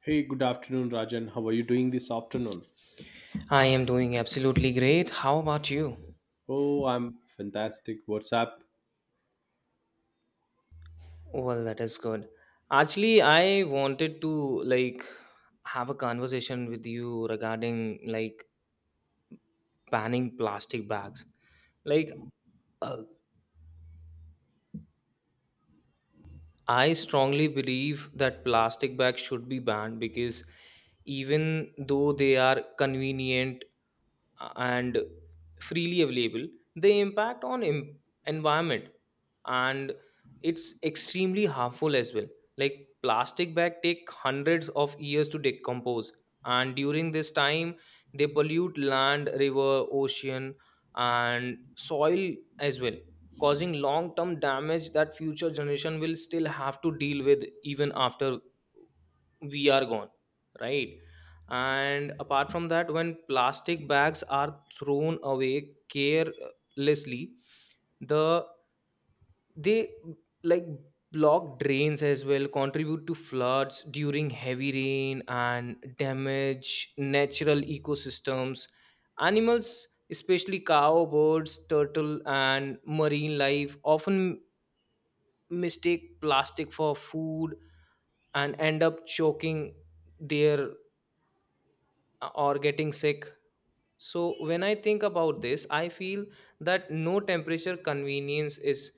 Hey, good afternoon, Rajan. How are you doing this afternoon? I am doing absolutely great. How about you? Oh, I'm fantastic. What's up? Well, that is good. Actually, I wanted to like have a conversation with you regarding like banning plastic bags. Like uh, I strongly believe that plastic bags should be banned because even though they are convenient and freely available, the impact on environment, and it's extremely harmful as well. Like plastic bag take hundreds of years to decompose, and during this time they pollute land, river, ocean, and soil as well, causing long term damage that future generation will still have to deal with even after we are gone, right? And apart from that, when plastic bags are thrown away carelessly, the they like block drains as well, contribute to floods during heavy rain, and damage natural ecosystems. Animals, especially cow, birds, turtle, and marine life, often mistake plastic for food and end up choking there or getting sick. So when I think about this, I feel that no temperature convenience is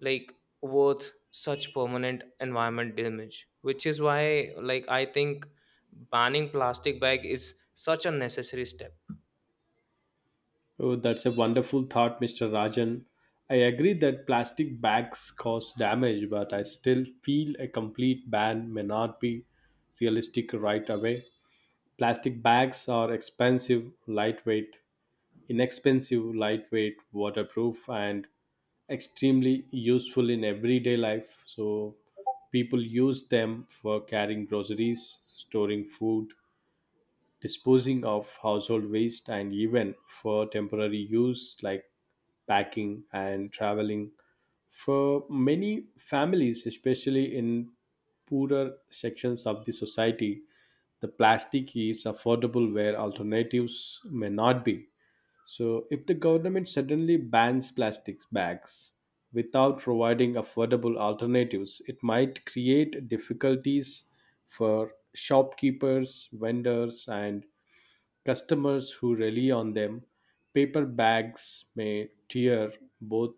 like worth such permanent environment damage, which is why like I think banning plastic bag is such a necessary step. Oh, that's a wonderful thought, Mr. Rajan. I agree that plastic bags cause damage, but I still feel a complete ban may not be realistic right away. Plastic bags are expensive, lightweight, inexpensive, lightweight, waterproof, and extremely useful in everyday life. So people use them for carrying groceries, storing food, disposing of household waste, and even for temporary use like packing and traveling. For many families, especially in poorer sections of the society, the plastic is affordable where alternatives may not be. So, if the government suddenly bans plastics bags without providing affordable alternatives, it might create difficulties for shopkeepers, vendors, and customers who rely on them. Paper bags may tear. Both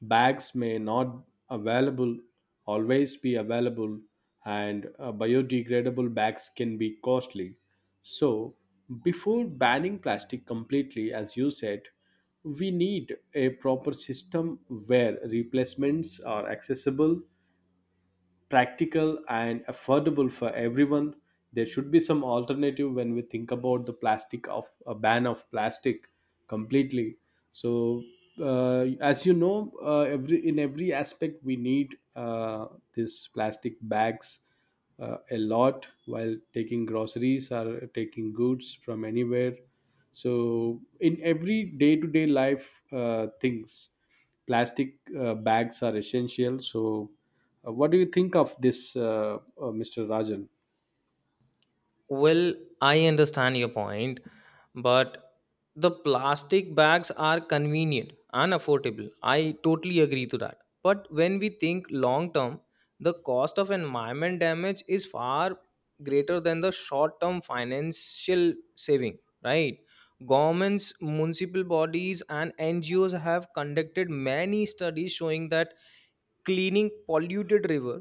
bags may not available always be available, and biodegradable bags can be costly. So, before banning plastic completely, as you said, we need a proper system where replacements are accessible, practical, and affordable for everyone. There should be some alternative when we think about the plastic of a ban of plastic completely. So, as you know, every in every aspect we need this plastic bags a lot while taking groceries or taking goods from anywhere. So in every day to day life things, plastic bags are essential. So, what do you think of this, Mr. Rajan? Well, I understand your point, but the plastic bags are convenient and affordable. I totally agree to that. But when we think long term, the cost of environment damage is far greater than the short term financial saving, right? Governments, municipal bodies, and NGOs have conducted many studies showing that cleaning polluted river,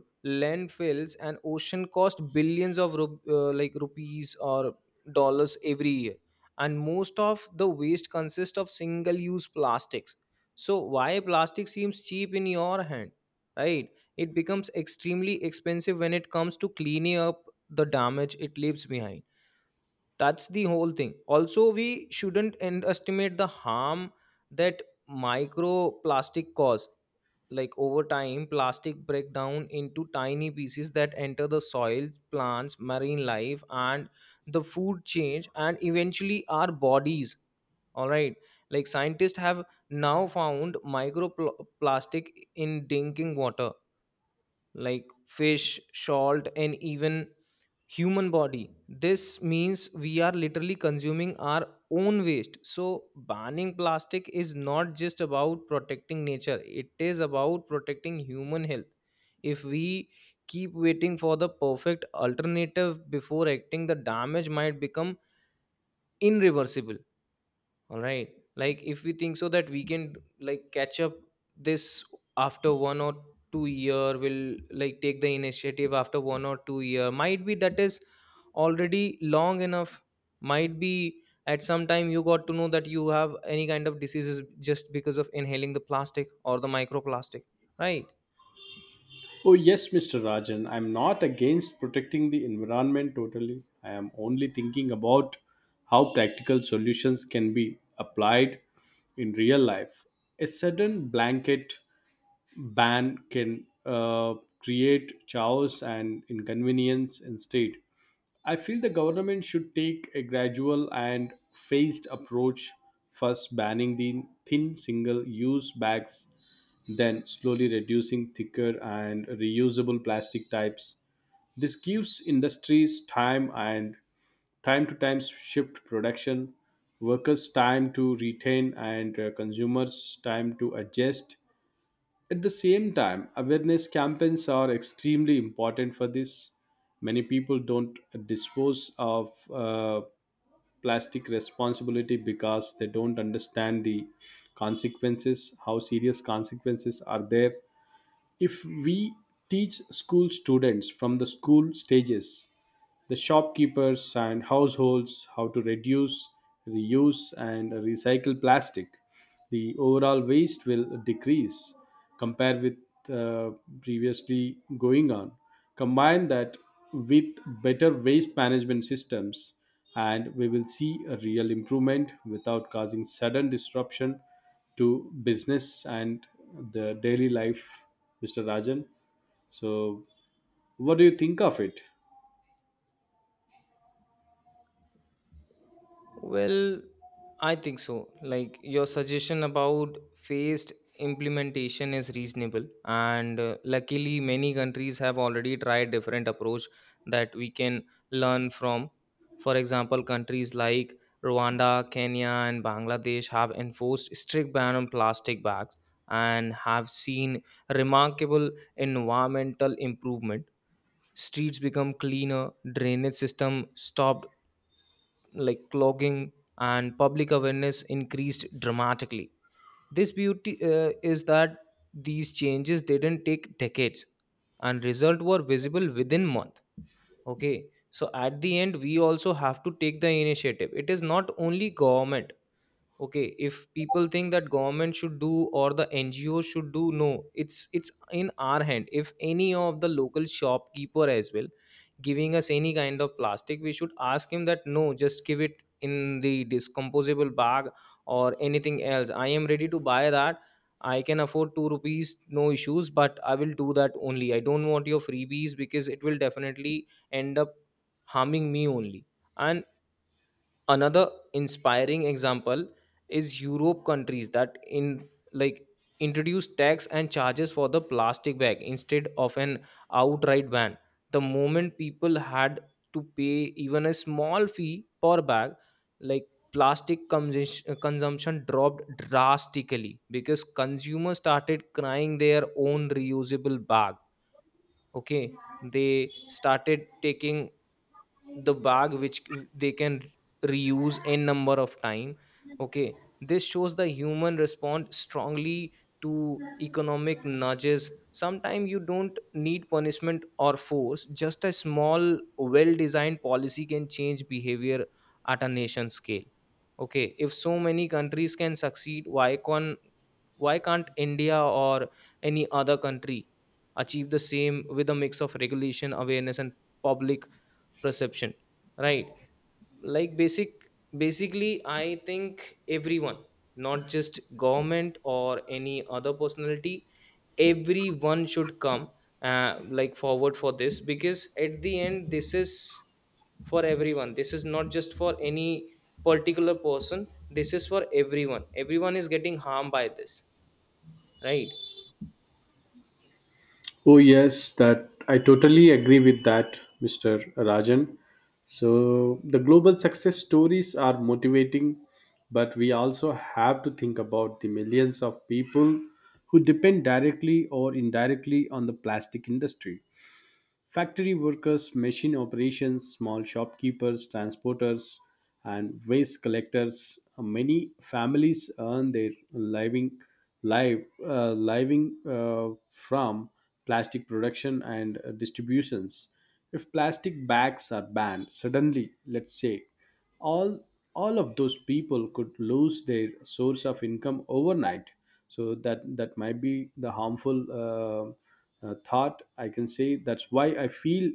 landfills, and ocean cost billions of like rupees or dollars every year, and most of the waste consists of single use plastics. So why plastic seems cheap in your hand, right? It becomes extremely expensive when it comes to cleaning up the damage it leaves behind. That's the whole thing. Also, we shouldn't underestimate the harm that microplastic cause. Like over time plastic break down into tiny pieces that enter the soils, plants, marine life, and the food chain, and eventually our bodies. All right, like scientists have now found microplastic in drinking water, like fish, salt, and even human body. This means we are literally consuming our own waste. So, banning plastic is not just about protecting nature, it is about protecting human health. If we keep waiting for the perfect alternative before acting, the damage might become irreversible. All right. Like if we think so that we can like catch up this after 1 or 2 year, will like take the initiative after 1 or 2 year. Might be that is already long enough. Might be at some time you got to know that you have any kind of diseases just because of inhaling the plastic or the microplastic, right? Oh, yes, Mr. Rajan. I'm not against protecting the environment totally. I am only thinking about how practical solutions can be applied in real life. A sudden blanket ban can create chaos and inconvenience instead. I feel the government should take a gradual and phased approach, first banning the thin single use bags, then slowly reducing thicker and reusable plastic types. This gives industries time and time to time shift production, workers time to retain, and consumers time to adjust. At the same time, awareness campaigns are extremely important for this. Many people don't dispose of plastic responsibility because they don't understand the consequences, how serious consequences are there. If we teach school students from the school stages, the shopkeepers and households how to reduce, reuse, and recycle plastic. The overall waste will decrease compared with uh, previously going on. Combine that with better waste management systems, and we will see a real improvement without causing sudden disruption to business and the daily life, Mr. Rajan. So, what do you think of it? Well, I think so. Like your suggestion about phased implementation is reasonable, and luckily many countries have already tried different approach that we can learn from. For example, countries like Rwanda, Kenya, and Bangladesh have enforced strict ban on plastic bags and have seen remarkable environmental improvement. Streets become cleaner, drainage system stopped like clogging, and public awareness increased dramatically. This beauty is that these changes didn't take decades, and result were visible within month. Okay, so at the end we also have to take the initiative, it is not only government. Okay, if people think that government should do or the NGO should do, no, it's in our hand. If any of the local shopkeeper as well giving us any kind of plastic, we should ask him that no, just give it in the discomposable bag or anything else, I am ready to buy that. I can afford 2 rupees, no issues, but I will do that only. I don't want your freebies because it will definitely end up harming me only. And another inspiring example is europe countries that in like introduce tax and charges for the plastic bag instead of an outright ban. The moment people had to pay even a small fee per bag, like plastic consumption dropped drastically because consumers started crying their own reusable bag. Okay, they started taking the bag which they can reuse n number of time. Okay, this shows the human respond strongly to economic nudges. Sometimes you don't need punishment or force, just a small well designed policy can change behavior at a nation scale. Okay, if so many countries can succeed, why can't india or any other country achieve the same with a mix of regulation, awareness, and public perception, right? Like basically I think everyone, not just government or any other personality, everyone should come like forward for this because at the end this is for everyone. This is not just for any particular person, this is for everyone. Everyone is getting harmed by this, right? Oh yes, that I totally agree with that, Mr. Rajan. So the global success stories are motivating, but we also have to think about the millions of people who depend directly or indirectly on the plastic industry. Factory workers, machine operations, small shopkeepers, transporters, and waste collectors. Many families earn their living, live, living from plastic production and distributions. If plastic bags are banned suddenly, let's say, all of those people could lose their source of income overnight. So that might be the harmful thought, I can say. That's why I feel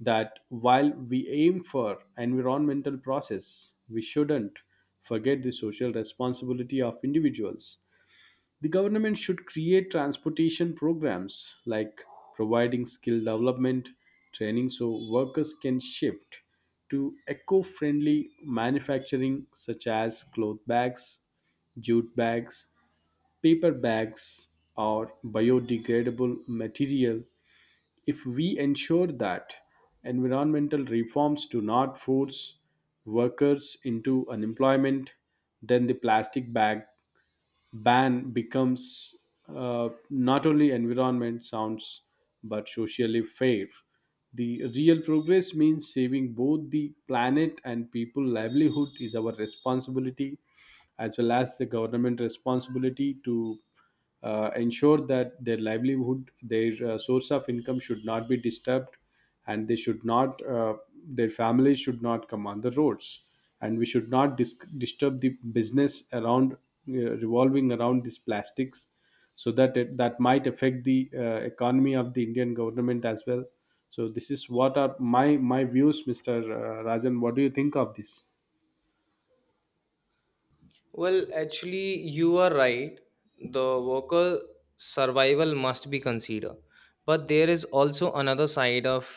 that while we aim for environmental process, we shouldn't forget the social responsibility of individuals. The government should create transportation programs like providing skill development training so workers can shift to eco friendly manufacturing such as cloth bags, jute bags, paper bags, or biodegradable material. If we ensure that environmental reforms do not force workers into unemployment, then the plastic bag ban becomes not only environment sounds but socially fair. The real progress means saving both the planet and people livelihood is our responsibility as well as the government responsibility to ensure that their livelihood, their source of income should not be disturbed, and they should not their families should not come on the roads, and we should not disturb the business around revolving around these plastics, so that it, that might affect the economy of the Indian government as well. So this is what are my views, Mr. Rajan. What do you think of this? Well, actually, you are right. The worker survival must be considered. But there is also another side of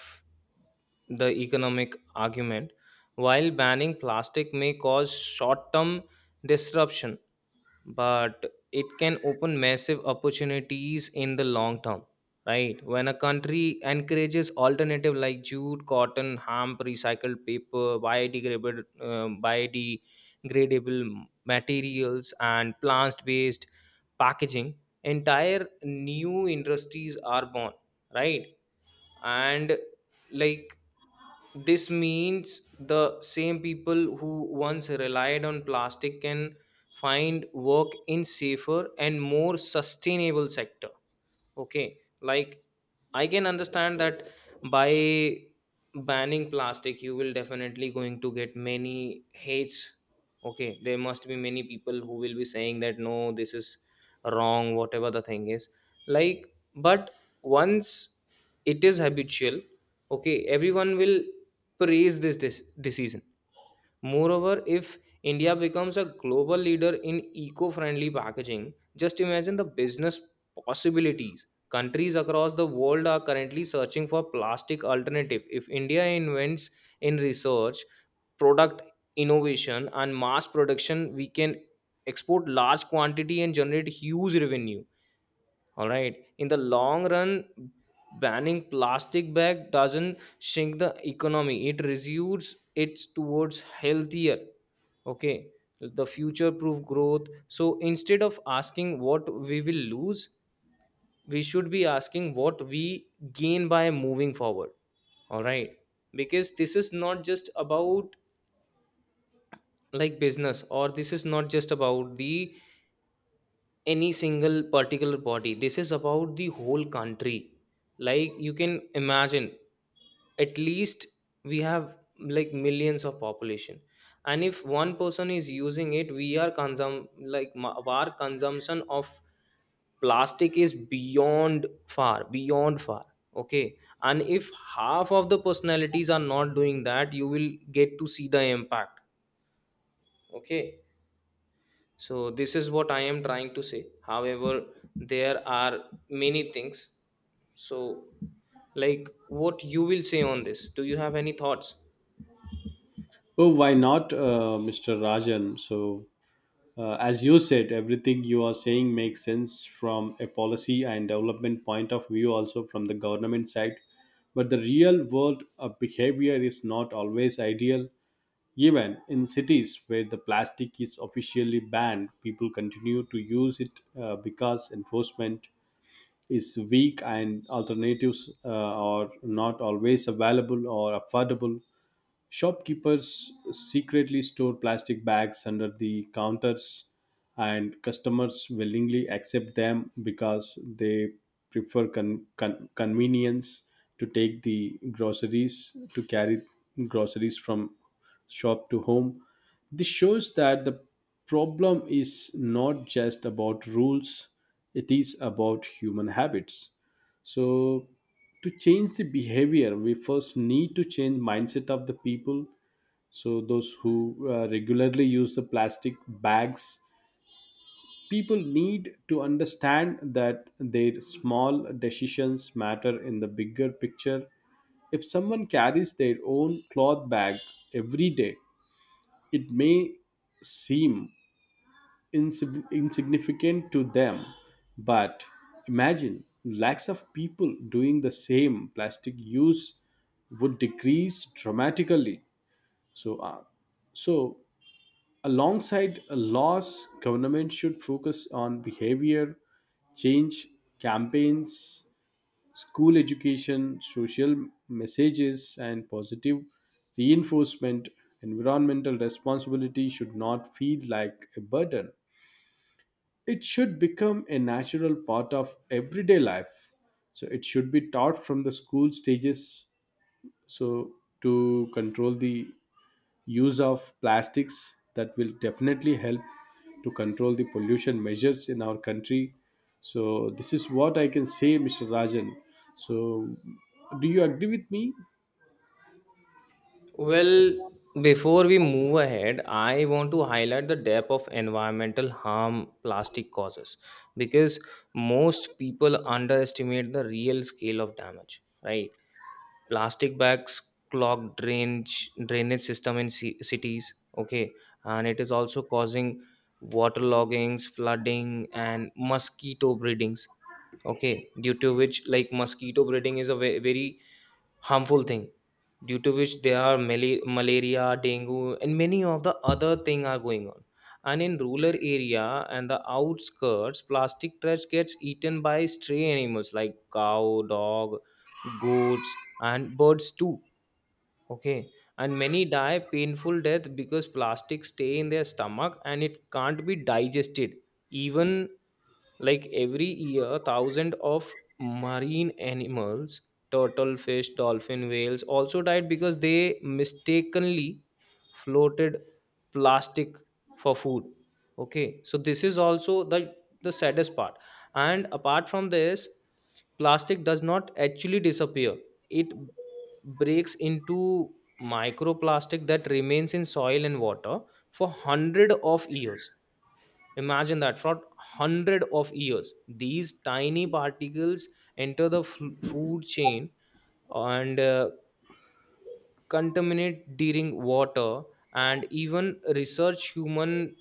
the economic argument. While banning plastic may cause short term disruption, but it can open massive opportunities in the long term, right? When a country encourages alternative like jute, cotton, hemp, recycled paper, biodegradable materials and plant based packaging, entire new industries are born, right? And like this means the same people who once relied on plastic can find work in safer and more sustainable sector. Okay, like I can understand that by banning plastic, you will definitely going to get many hates. Okay, there must be many people who will be saying that no, this is wrong, whatever the thing is. Like, but once it is habitual, okay, everyone will praise this decision. Moreover, if India becomes a global leader in eco friendly packaging, just imagine the business possibilities. Countries across the world are currently searching for plastic alternative. If India invents in research, product innovation and mass production, we can export large quantity and generate huge revenue. All right. In the long run, banning plastic bag doesn't shrink the economy. It reduces it towards healthier, okay, the future proof growth. So instead of asking what we will lose, we should be asking what we gain by moving forward, all right? Because this is not just about like business, or this is not just about the any single particular body, this is about the whole country. Like you can imagine, at least we have like millions of population, and if one person is using it we are consum like our consumption of plastic is beyond far beyond far. Okay, and if half of the personalities are not doing that, you will get to see the impact. Okay, so this is what I am trying to say. However, there are many things. So like what you will say on this? Do you have any thoughts? Oh, why not, Mr. Rajan. So, as you said, everything you are saying makes sense from a policy and development point of view, also from the government side. But the real world of behavior is not always ideal. Even in cities where the plastic is officially banned, people continue to use it because enforcement is weak and alternatives are not always available or affordable. Shopkeepers secretly store plastic bags under the counters, and customers willingly accept them because they prefer convenience to take the groceries, to carry groceries from shop to home. This shows that the problem is not just about rules, it is about human habits. So to change the behavior, we first need to change mindset of the people. So those who regularly use the plastic bags, people need to understand that their small decisions matter in the bigger picture. If someone carries their own cloth bag every day, it may seem insignificant to them. But imagine lakhs of people doing the same, plastic use would decrease dramatically. So, uh, so alongside a loss, government should focus on behavior change campaigns, school education, social messages, and positive reinforcement. Environmental responsibility should not feel like a burden, it should become a natural part of everyday life. So it should be taught from the school stages. So to control the use of plastics, that will definitely help to control the pollution measures in our country. So this is what I can say, Mr. Rajan. So, do you agree with me? Well, before we move ahead, I want to highlight the depth of environmental harm plastic causes because most people underestimate the real scale of damage, right? Plastic bags clog drainage system in cities. Okay, and it is also causing water loggings, flooding, and mosquito breedings. Okay, due to which like mosquito breeding is a very harmful thing, due to which there are malaria, dengue, and many of the other thing are going on. And in rural area and the outskirts plastic trash gets eaten by stray animals like cow, dog, goats, and birds too. Okay, and many die painful death because plastic stay in their stomach and it can't be digested. Even like every year thousands of marine animals, turtle, fish, dolphin, whales, also died because they mistakenly floated plastic for food. Okay, so this is also the saddest part. And apart from this, plastic does not actually disappear. It breaks into microplastic that remains in soil and water for hundred of years. Imagine that for hundred of years, these tiny particles enter the food chain and contaminate during water and even research human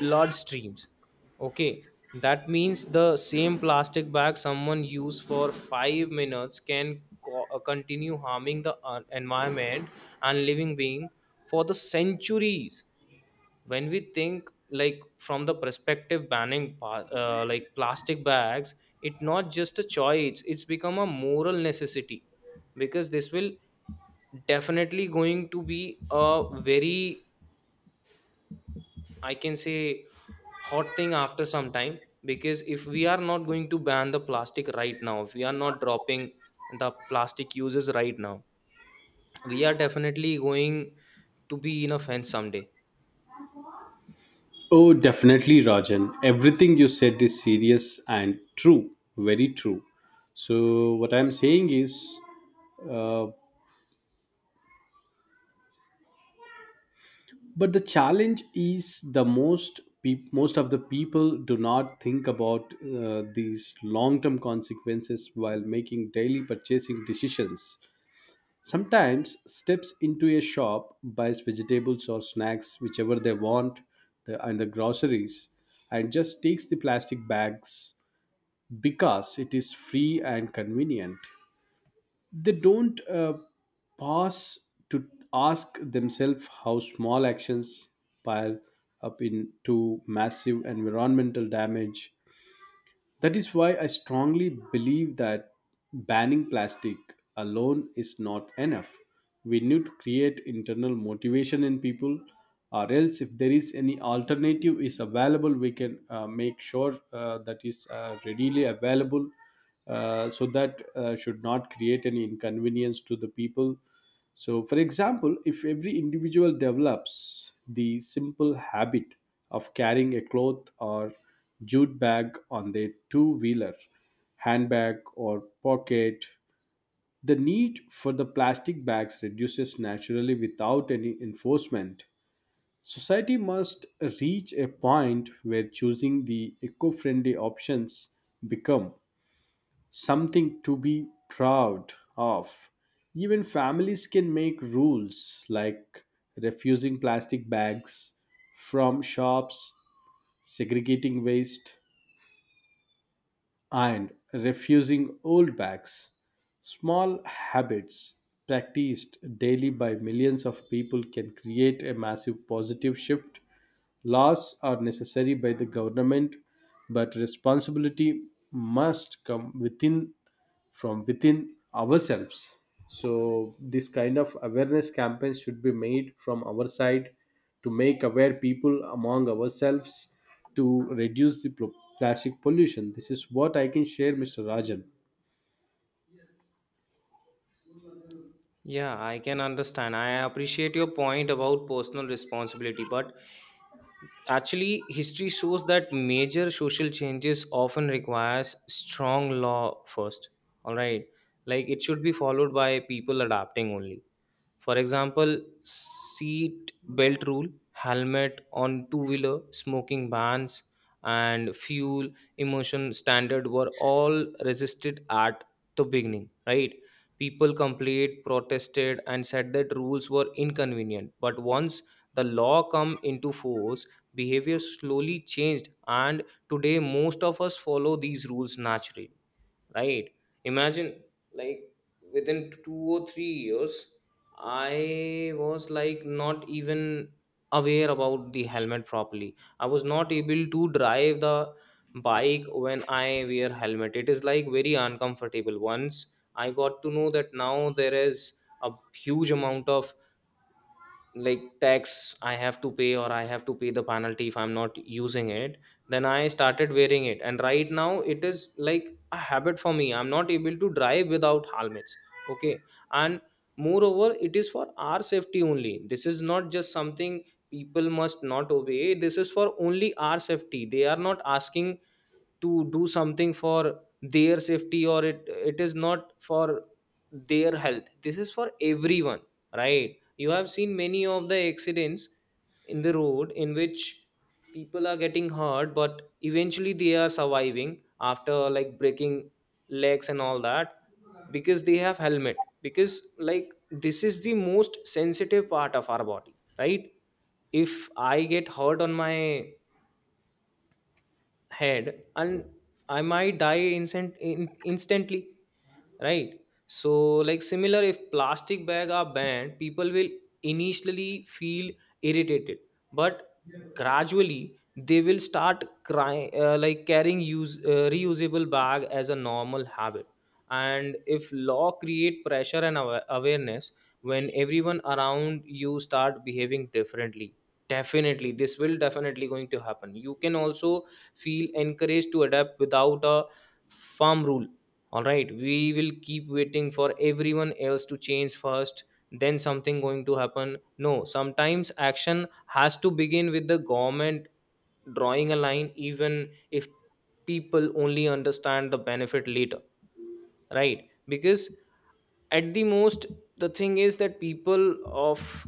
bloodstreams. Okay, that means the same plastic bag someone used for 5 minutes can continue harming the environment and living being for the centuries. When we think like from the perspective banning like plastic bags, it' not just a choice, it's become a moral necessity. Because this will definitely going to be a very, I can say, hot thing after some time. Because if we are not going to ban the plastic right now, if we are not dropping the plastic uses right now, we are definitely going to be in a fence someday. Oh, definitely, Rajan. Everything you said is serious and true, very true. So, what I'm saying is, uh, but the challenge is, the most peop most of the people do not think about these long-term consequences while making daily purchasing decisions. Sometimes steps into a shop, buys vegetables or snacks, whichever they want, and the groceries, and just takes the plastic bags because it is free and convenient. They don't pause to ask themselves how small actions pile up into massive environmental damage. That is why I strongly believe that banning plastic alone is not enough. We need to create internal motivation in people, or else, if there is any alternative is available, we can make sure that is readily available, so that should not create any inconvenience to the people. So, for example, if every individual develops the simple habit of carrying a cloth or jute bag on their two wheeler, handbag, or pocket, the need for the plastic bags reduces naturally without any enforcement. Society must reach a point where choosing the eco friendly options become something to be proud of. Even families can make rules like refusing plastic bags from shops, segregating waste, and refusing old bags. Small habits practiced daily by millions of people can create a massive positive shift. Laws are necessary by the government, but responsibility must come within from within ourselves. So this kind of awareness campaigns should be made from our side to make aware people among ourselves to reduce the plastic pollution. This is what I can share, Mr. Rajan. Yeah, I can understand. I appreciate your point about personal responsibility, but actually, history shows that major social changes often requires strong law first. All right, like it should be followed by people adapting only. For example, seat belt rule, helmet on two wheeler, smoking bans, and fuel emotion standard were all resisted at the beginning, right? People complained, protested, and said that rules were inconvenient. But once the law come into force, behavior slowly changed, and today most of us follow these rules naturally, right? Imagine, like, within 2 or 3 years. I was like not even aware about the helmet properly. I was not able to drive the bike when I wear helmet. It is like very uncomfortable. Once I got to know that now there is a huge amount of like tax I have to pay, or I have to pay the penalty if I'm not using it, then I started wearing it, and right now it is like a habit for me. I'm not able to drive without helmets. Okay, and moreover, it is for our safety only. This is not just something people must not obey. This is for only our safety. They are not asking to do something for their safety, or it is not for their health. This is for everyone, right? You have seen many of the accidents in the road in which people are getting hurt, but eventually they are surviving after like breaking legs and all that because they have helmet, because like this is the most sensitive part of our body, right? If I get hurt on my head, and I might die instantly. Right? So, like, similar, if plastic bag are banned, people will initially feel irritated, but gradually they will start crying, like carrying use reusable bag as a normal habit. And if law create pressure and awareness, when everyone around you start behaving differently, definitely this will definitely going to happen. You can also feel encouraged to adapt without a firm rule. All right, we will keep waiting for everyone else to change first, then something going to happen. No, sometimes action has to begin with the government drawing a line, even if people only understand the benefit later, right? Because at the most, the thing is that people of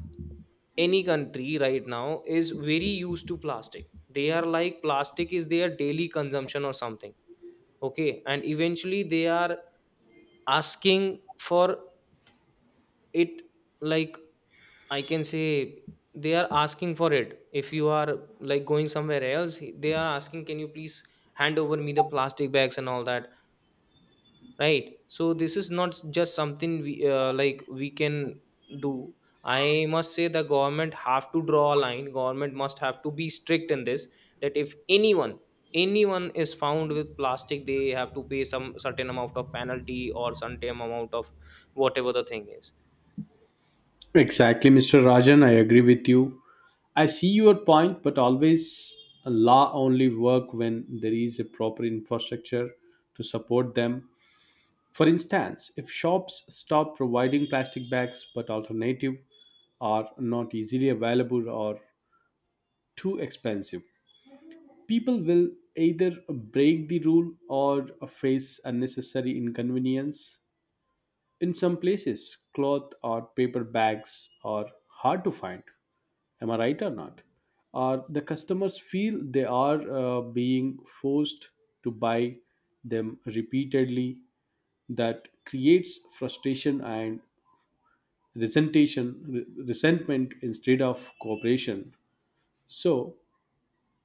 any country right now is very used to plastic. They are like plastic is their daily consumption or something. Okay, and eventually they are asking for it. Like, I can say they are asking for it. If you are like going somewhere else, they are asking, can you please hand over me the plastic bags and all that, right? So this is not just something we, like, we can do. I must say the government have to draw a line. Government must have to be strict in this, that if anyone, anyone is found with plastic, they have to pay some certain amount of penalty or certain amount of whatever the thing is. Exactly, Mr. Rajan. I agree with you. I see your point, but always a law only work when there is a proper infrastructure to support them. For instance, if shops stop providing plastic bags but alternative are not easily available or too expensive, people will either break the rule or face unnecessary inconvenience. In some places, cloth or paper bags are hard to find, am I right or not? Or the customers feel they are being forced to buy them repeatedly. That creates frustration and resentment instead of cooperation. So,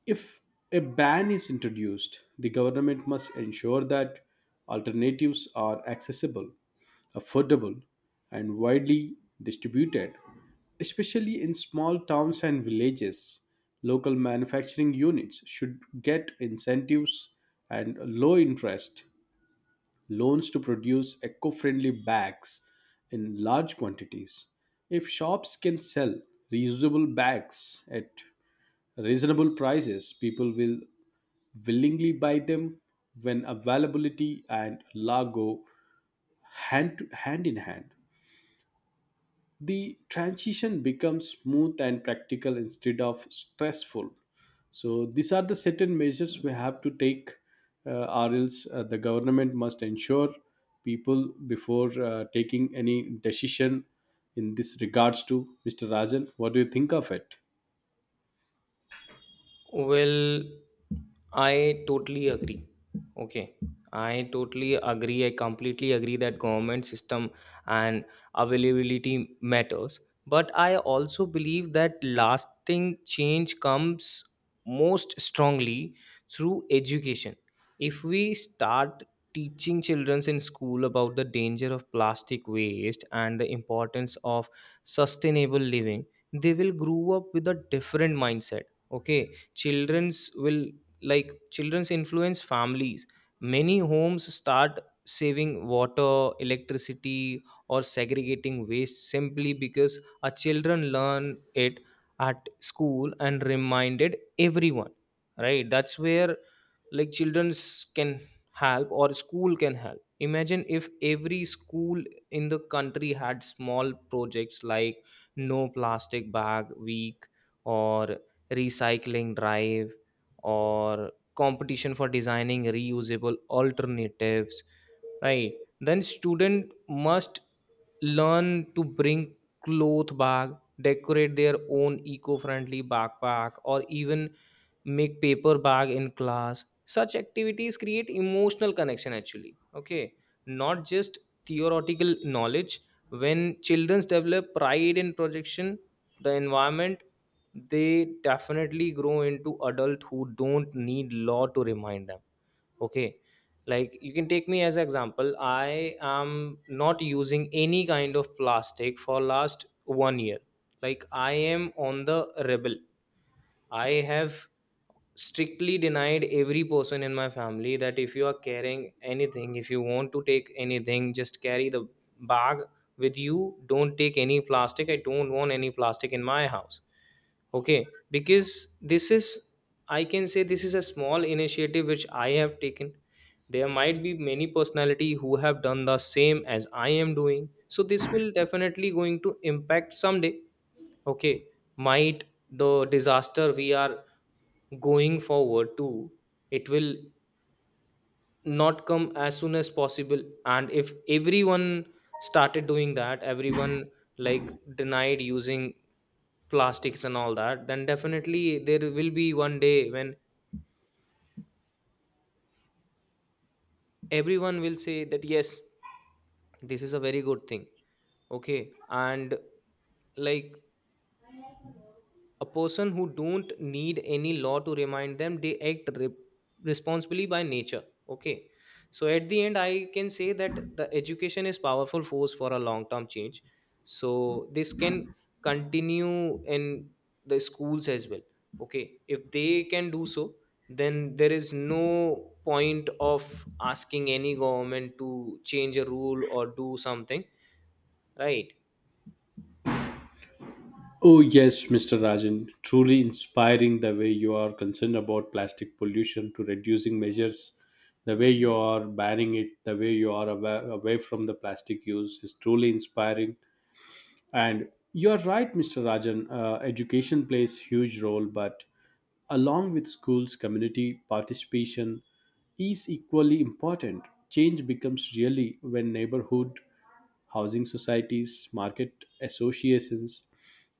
if a ban is introduced, the government must ensure that alternatives are accessible, affordable, and widely distributed, especially in small towns and villages. Local manufacturing units should get incentives and low interest loans to produce eco friendly bags in large quantities. If shops can sell reusable bags at reasonable prices, people will willingly buy them. When availability and lago hand in hand, the transition becomes smooth and practical instead of stressful. So these are the certain measures we have to take, or else the government must ensure people before taking any decision in this regards to, Mr. Rajan. What do you think of it? Well, I totally agree. Okay, I totally agree. I completely agree that government system and availability matters. But I also believe that lasting change comes most strongly through education. If we start teaching children in school about the danger of plastic waste and the importance of sustainable living, they will grow up with a different mindset. Okay, children's will, like, children's influence families. Many homes start saving water, electricity, or segregating waste simply because our children learn it at school and reminded everyone, right? That's where, like, children's can help or school can help. Imagine if every school in the country had small projects like no plastic bag week, or recycling drive, or competition for designing reusable alternatives, right? Then student must learn to bring cloth bag, decorate their own eco-friendly backpack, or even make paper bag in class. Such activities create emotional connection actually, okay, not just theoretical knowledge. When children develop pride in projection the environment, they definitely grow into adult who don't need law to remind them. Okay, like, you can take me as an example. I am not using any kind of plastic for last one year. Like, I am on the rebel. I have strictly denied every person in my family that if you are carrying anything, if you want to take anything, just carry the bag with you. Don't take any plastic. I don't want any plastic in my house. Okay. Because this is, I can say, this is a small initiative which I have taken. There might be many personality who have done the same as I am doing. So this will definitely going to impact someday. Okay, might the disaster we are going forward to, it will not come as soon as possible. And if everyone started doing that, everyone like denied using plastics and all that, then definitely there will be one day when everyone will say that yes, this is a very good thing. Okay, and like a person who don't need any law to remind them, they act responsibly by nature. Okay, so at the end, I can say that the education is powerful force for a long term change. So this can continue in the schools as well. Okay, if they can do so, then there is no point of asking any government to change a rule or do something, right? Oh, yes, Mr. Rajan, truly inspiring the way you are concerned about plastic pollution to reducing measures, the way you are banning it, the way you are away from the plastic use is truly inspiring. And you are right, Mr. Rajan, education plays huge role, but along with schools, community participation is equally important. Change becomes really when neighborhood housing societies, market associations,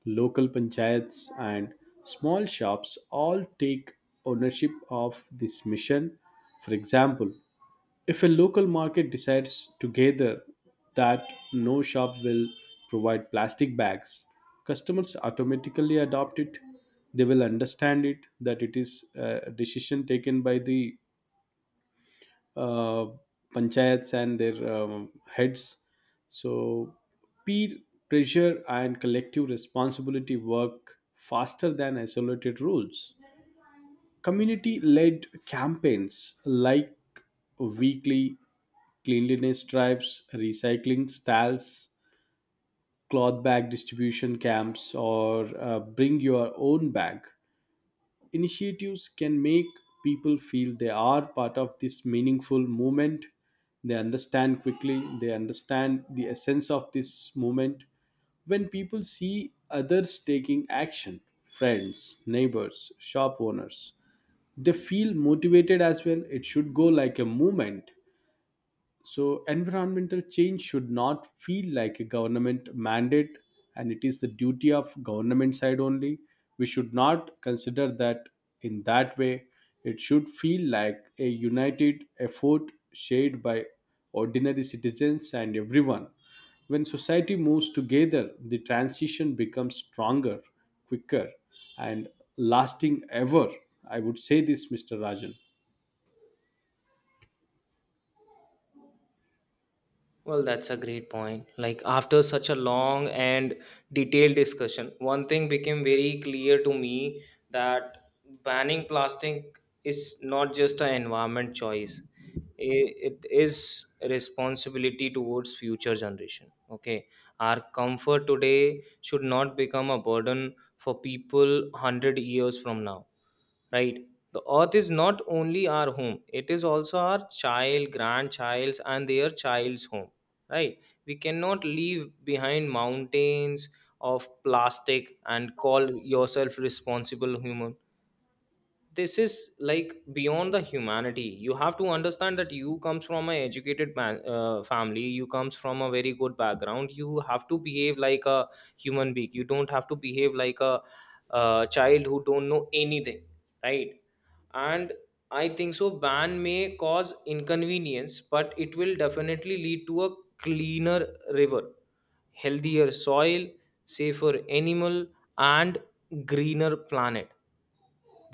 local panchayats, and small shops all take ownership of this mission. For example, if a local market decides together that no shop will provide plastic bags, customers automatically adopt it. They will understand it that it is a decision taken by the uh, panchayats and their heads. So, peer pressure and collective responsibility work faster than isolated rules. Community led campaigns like weekly cleanliness drives, recycling stalls, cloth bag distribution camps, or bring your own bag initiatives can make people feel they are part of this meaningful movement. They understand quickly, they understand the essence of this movement. When people see others taking action, friends, neighbors, shop owners, they feel motivated as well. It should go like a movement, so environmental change should not feel like a government mandate and it is the duty of government side only. We should not consider that in that way. It should feel like a united effort shared by ordinary citizens and everyone. When society moves together, the transition becomes stronger, quicker, and lasting ever. I would say this, Mr. Rajan. Well, that's a great point. Like, after such a long and detailed discussion, one thing became very clear to me that banning plastic is not just an environment choice. It is a responsibility towards future generation. Okay, our comfort today should not become a burden for people 100 years from now, right? The earth is not only our home, it is also our child, grandchild's, and their child's home, right? We cannot leave behind mountains of plastic and call yourself responsible human. This is like beyond the humanity. You have to understand that you comes from an educated man, family. You comes from a very good background. You have to behave like a human being. You don't have to behave like a child who don't know anything, right? And I think so ban may cause inconvenience, but it will definitely lead to a cleaner river, healthier soil, safer animal, and greener planet.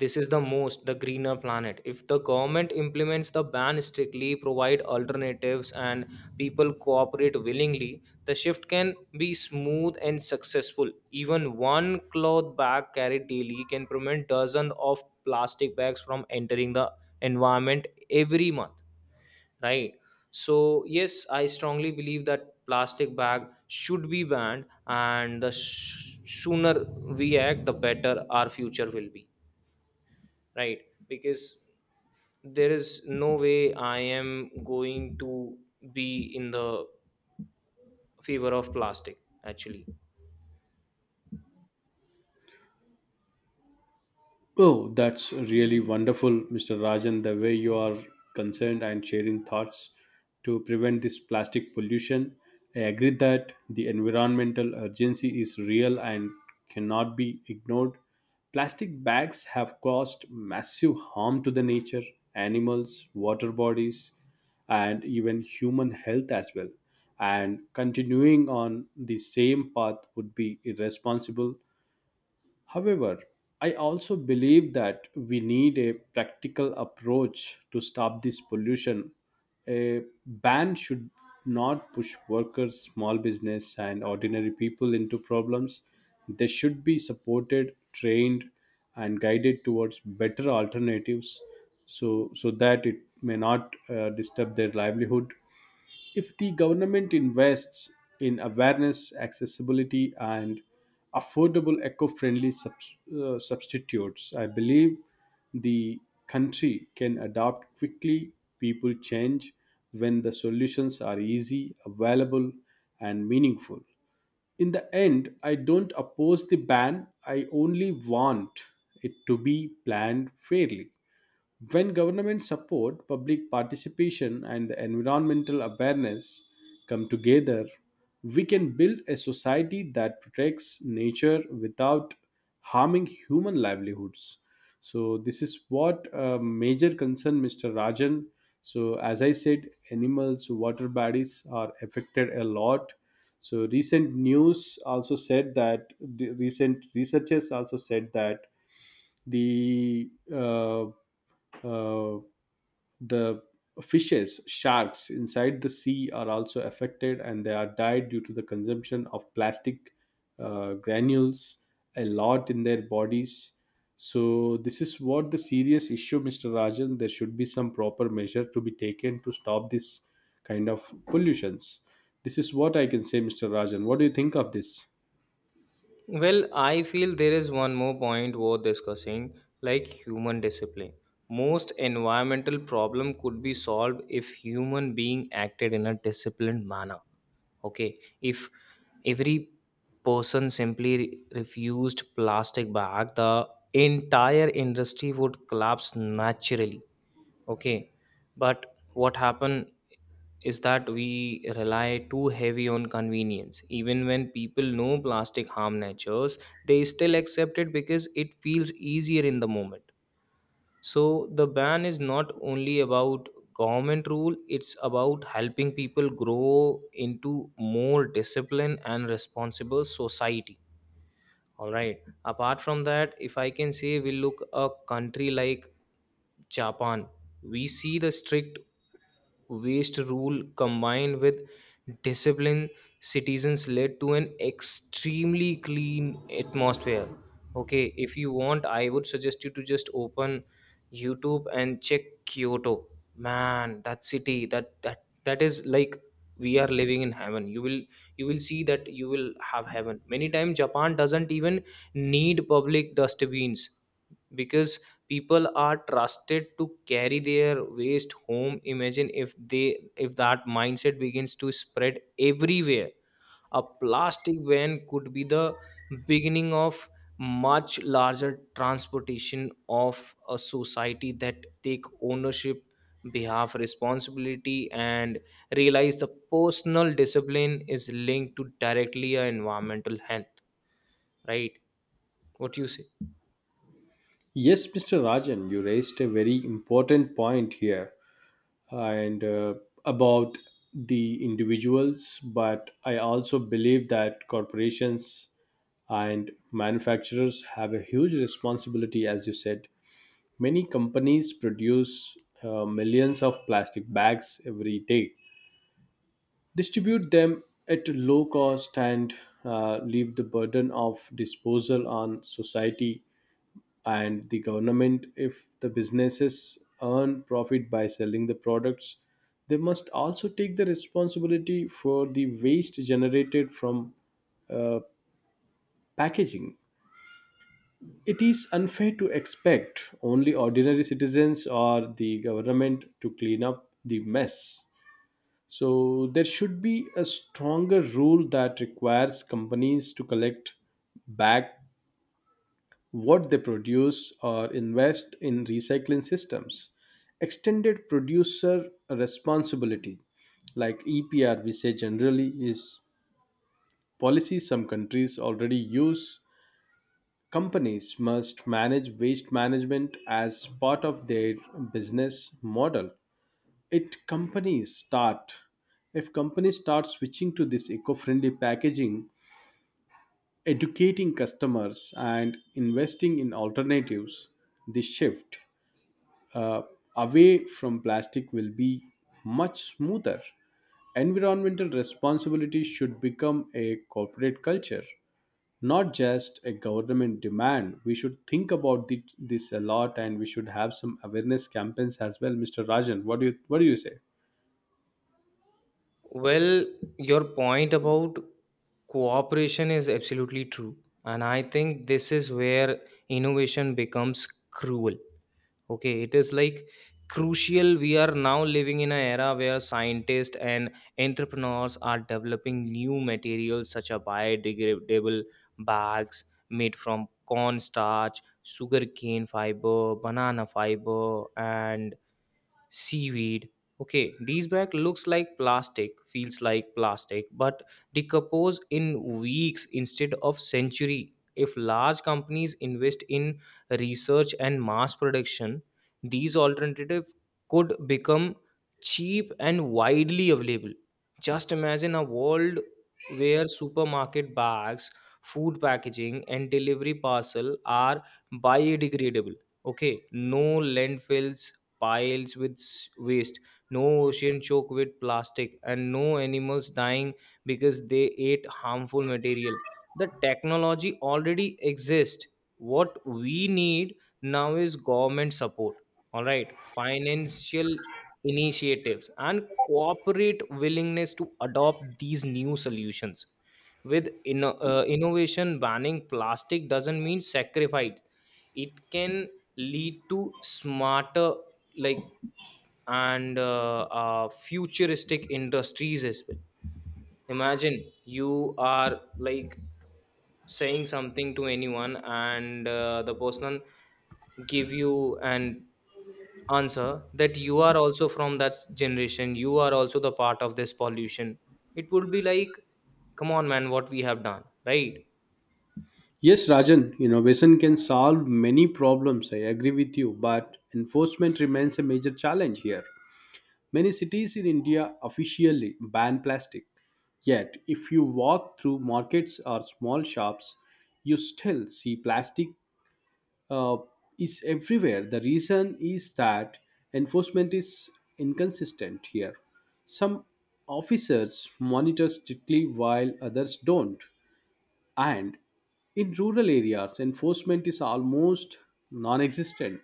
This is the most the greener planet. If the government implements the ban strictly, provide alternatives, and people cooperate willingly, the shift can be smooth and successful. Even one cloth bag carried daily can prevent dozens of plastic bags from entering the environment every month. Right. So yes, I strongly believe that plastic bag should be banned, and the sooner we act, the better our future will be, right? Because there is no way I am going to be in the favor of plastic, actually. Oh, that's really wonderful, Mr. Rajan, the way you are concerned and sharing thoughts to prevent this plastic pollution. I agree that the environmental urgency is real and cannot be ignored. Plastic bags have caused massive harm to the nature, animals, water bodies, and even human health as well. And continuing on the same path would be irresponsible. However, I also believe that we need a practical approach to stop this pollution. A ban should not push workers, small business, and ordinary people into problems. They should be supported, trained, and guided towards better alternatives so that it may not disturb their livelihood. If the government invests in awareness, accessibility, and affordable eco friendly substitutes, I believe the country can adapt quickly. People change when the solutions are easy, available, and meaningful. In the end, I don't oppose the ban, I only want it to be planned fairly. When government support, public participation, and the environmental awareness come together, we can build a society that protects nature without harming human livelihoods. So this is what major concern, Mr. Rajan. So as I said, animals, water bodies are affected a lot. So recent news also said that the recent researchers also said that the uh, uh, the fishes sharks inside the sea are also affected and they are died due to the consumption of plastic granules a lot in their bodies. So this is what the serious issue, Mr. Rajan. There should be some proper measure to be taken to stop this kind of pollutions. This is what I can say, Mr. Rajan. What do you think of this? Well, I feel there is one more point worth discussing, like human discipline. Most environmental problem could be solved if human being acted in a disciplined manner. Okay, if every person simply refused plastic bag, the entire industry would collapse naturally. Okay, but what happen is that we rely too heavy on convenience. Even when people know plastic harm natures, they still accept it because it feels easier in the moment. So the ban is not only about government rule, it's about helping people grow into more disciplined and responsible society. All right. Apart from that, if I can say, we look a country like Japan, we see the strict waste rule combined with disciplined citizens led to an extremely clean atmosphere. Okay, if you want, I would suggest you to just open YouTube and check Kyoto. Man, that city, that is like we are living in heaven. You will, you will see that, you will have heaven. Many times Japan doesn't even need public dustbins because people are trusted to carry their waste home. Imagine if they, if that mindset begins to spread everywhere, a plastic ban could be the beginning of much larger transportation of a society that take ownership, behalf responsibility, and realize the personal discipline is linked to directly a environmental health, right? What you say? Yes, Mr. Rajan, you raised a very important point here, and about the individuals, but I also believe that corporations and manufacturers have a huge responsibility, as you said. Many companies produce millions of plastic bags every day, distribute them at a low cost, and leave the burden of disposal on society and the government. If the businesses earn profit by selling the products, they must also take the responsibility for the waste generated from uh, packaging. It is unfair to expect only ordinary citizens or the government to clean up the mess. So there should be a stronger rule that requires companies to collect back what they produce or invest in recycling systems. Extended producer responsibility, like EPR, we say generally, is policy some countries already use. Companies must manage waste management as part of their business model. It companies start if companies start switching to this eco-friendly packaging, educating customers and investing in alternatives, this shift uh, away from plastic will be much smoother. Environmental responsibility should become a corporate culture, not just a government demand. We should think about this a lot and we should have some awareness campaigns as well, Mr. Rajan. What do you say? Well, your point about cooperation is absolutely true. And I think this is where innovation becomes cruel. Okay, it is like crucial. We are now living in an era where scientists and entrepreneurs are developing new materials such as biodegradable bags made from cornstarch, sugarcane fiber, banana fiber, and seaweed. Okay, these bag looks like plastic, feels like plastic, but decompose in weeks instead of century. If large companies invest in research and mass production, these alternative could become cheap and widely available. Just imagine a world where supermarket bags, food packaging, and delivery parcel are biodegradable. Okay, no landfills piles with waste, no ocean choked with plastic, and no animals dying because they ate harmful material. The technology already exists. What we need now is government support, all right, financial initiatives, and corporate willingness to adopt these new solutions. With innovation, banning plastic doesn't mean sacrifice. It can lead to smarter, like, and futuristic industries as well. Imagine you are like saying something to anyone, and the person give you an answer that you are also from that generation, you are also the part of this pollution. It would be like, come on man, what we have done, right? Yes, Rajan, innovation can solve many problems. I agree with you, but enforcement remains a major challenge here. Many cities in India officially ban plastic. Yet, if you walk through markets or small shops, you still see plastic uh, is everywhere. The reason is that enforcement is inconsistent here. Some officers monitor strictly while others don't. And in rural areas, enforcement is almost non existent.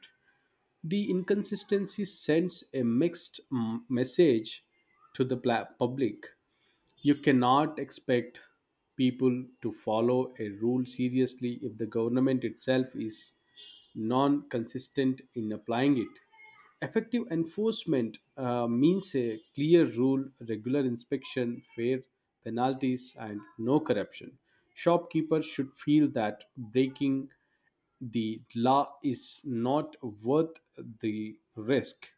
The inconsistency sends a mixed message to the public. You cannot expect people to follow a rule seriously if the government itself is non consistent in applying it. Effective enforcement means a clear rule, regular inspection, fair penalties, and no corruption. Shopkeepers should feel that breaking the law is not worth the risk.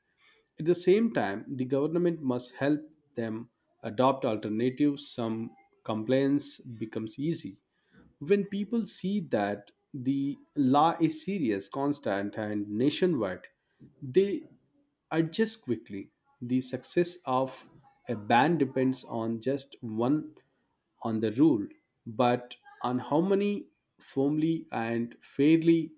At the same time, the government must help them adopt alternatives. Some compliance becomes easy. When people see that the law is serious, constant, and nationwide, they adjust quickly. The success of a ban depends on just one on the rule, but on how many firmly and fairly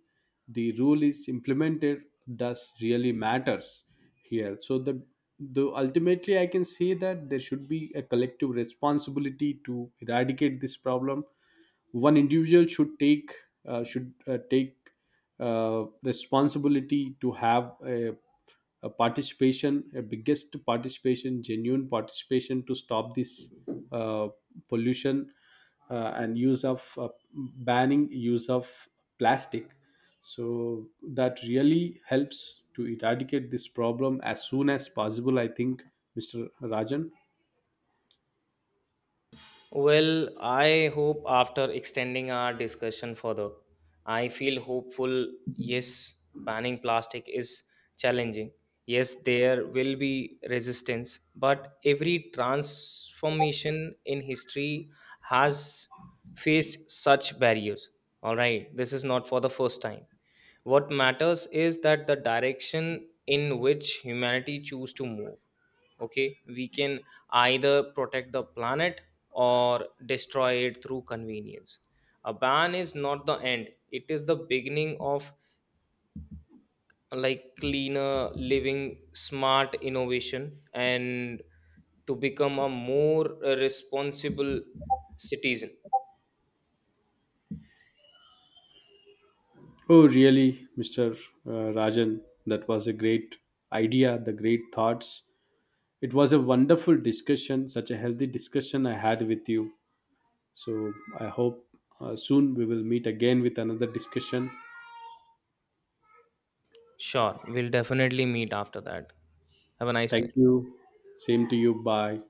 the rule is implemented does really matters here. So the though ultimately I can say that there should be a collective responsibility to eradicate this problem. One individual should take responsibility to have a participation, a biggest participation, genuine participation to stop this uh, pollution and use of banning use of plastic, so that really helps to eradicate this problem as soon as possible, I think, Mr. Rajan. Well, I hope after extending our discussion further, I feel hopeful. Yes, banning plastic is challenging. Yes, there will be resistance, but every transformation in history has faced such barriers. All right, this is not for the first time. What matters is that the direction in which humanity choose to move. Okay, we can either protect the planet or destroy it through convenience. A ban is not the end, it is the beginning of like cleaner living, smart innovation, and to become a more responsible citizen. Oh, really, Mr. Rajan, that was a great idea, the great thoughts. It was a wonderful discussion, such a healthy discussion I had with you. So I hope soon we will meet again with another discussion. Sure, we'll definitely meet after that. Have a nice Thank day. you. Same to you. Bye.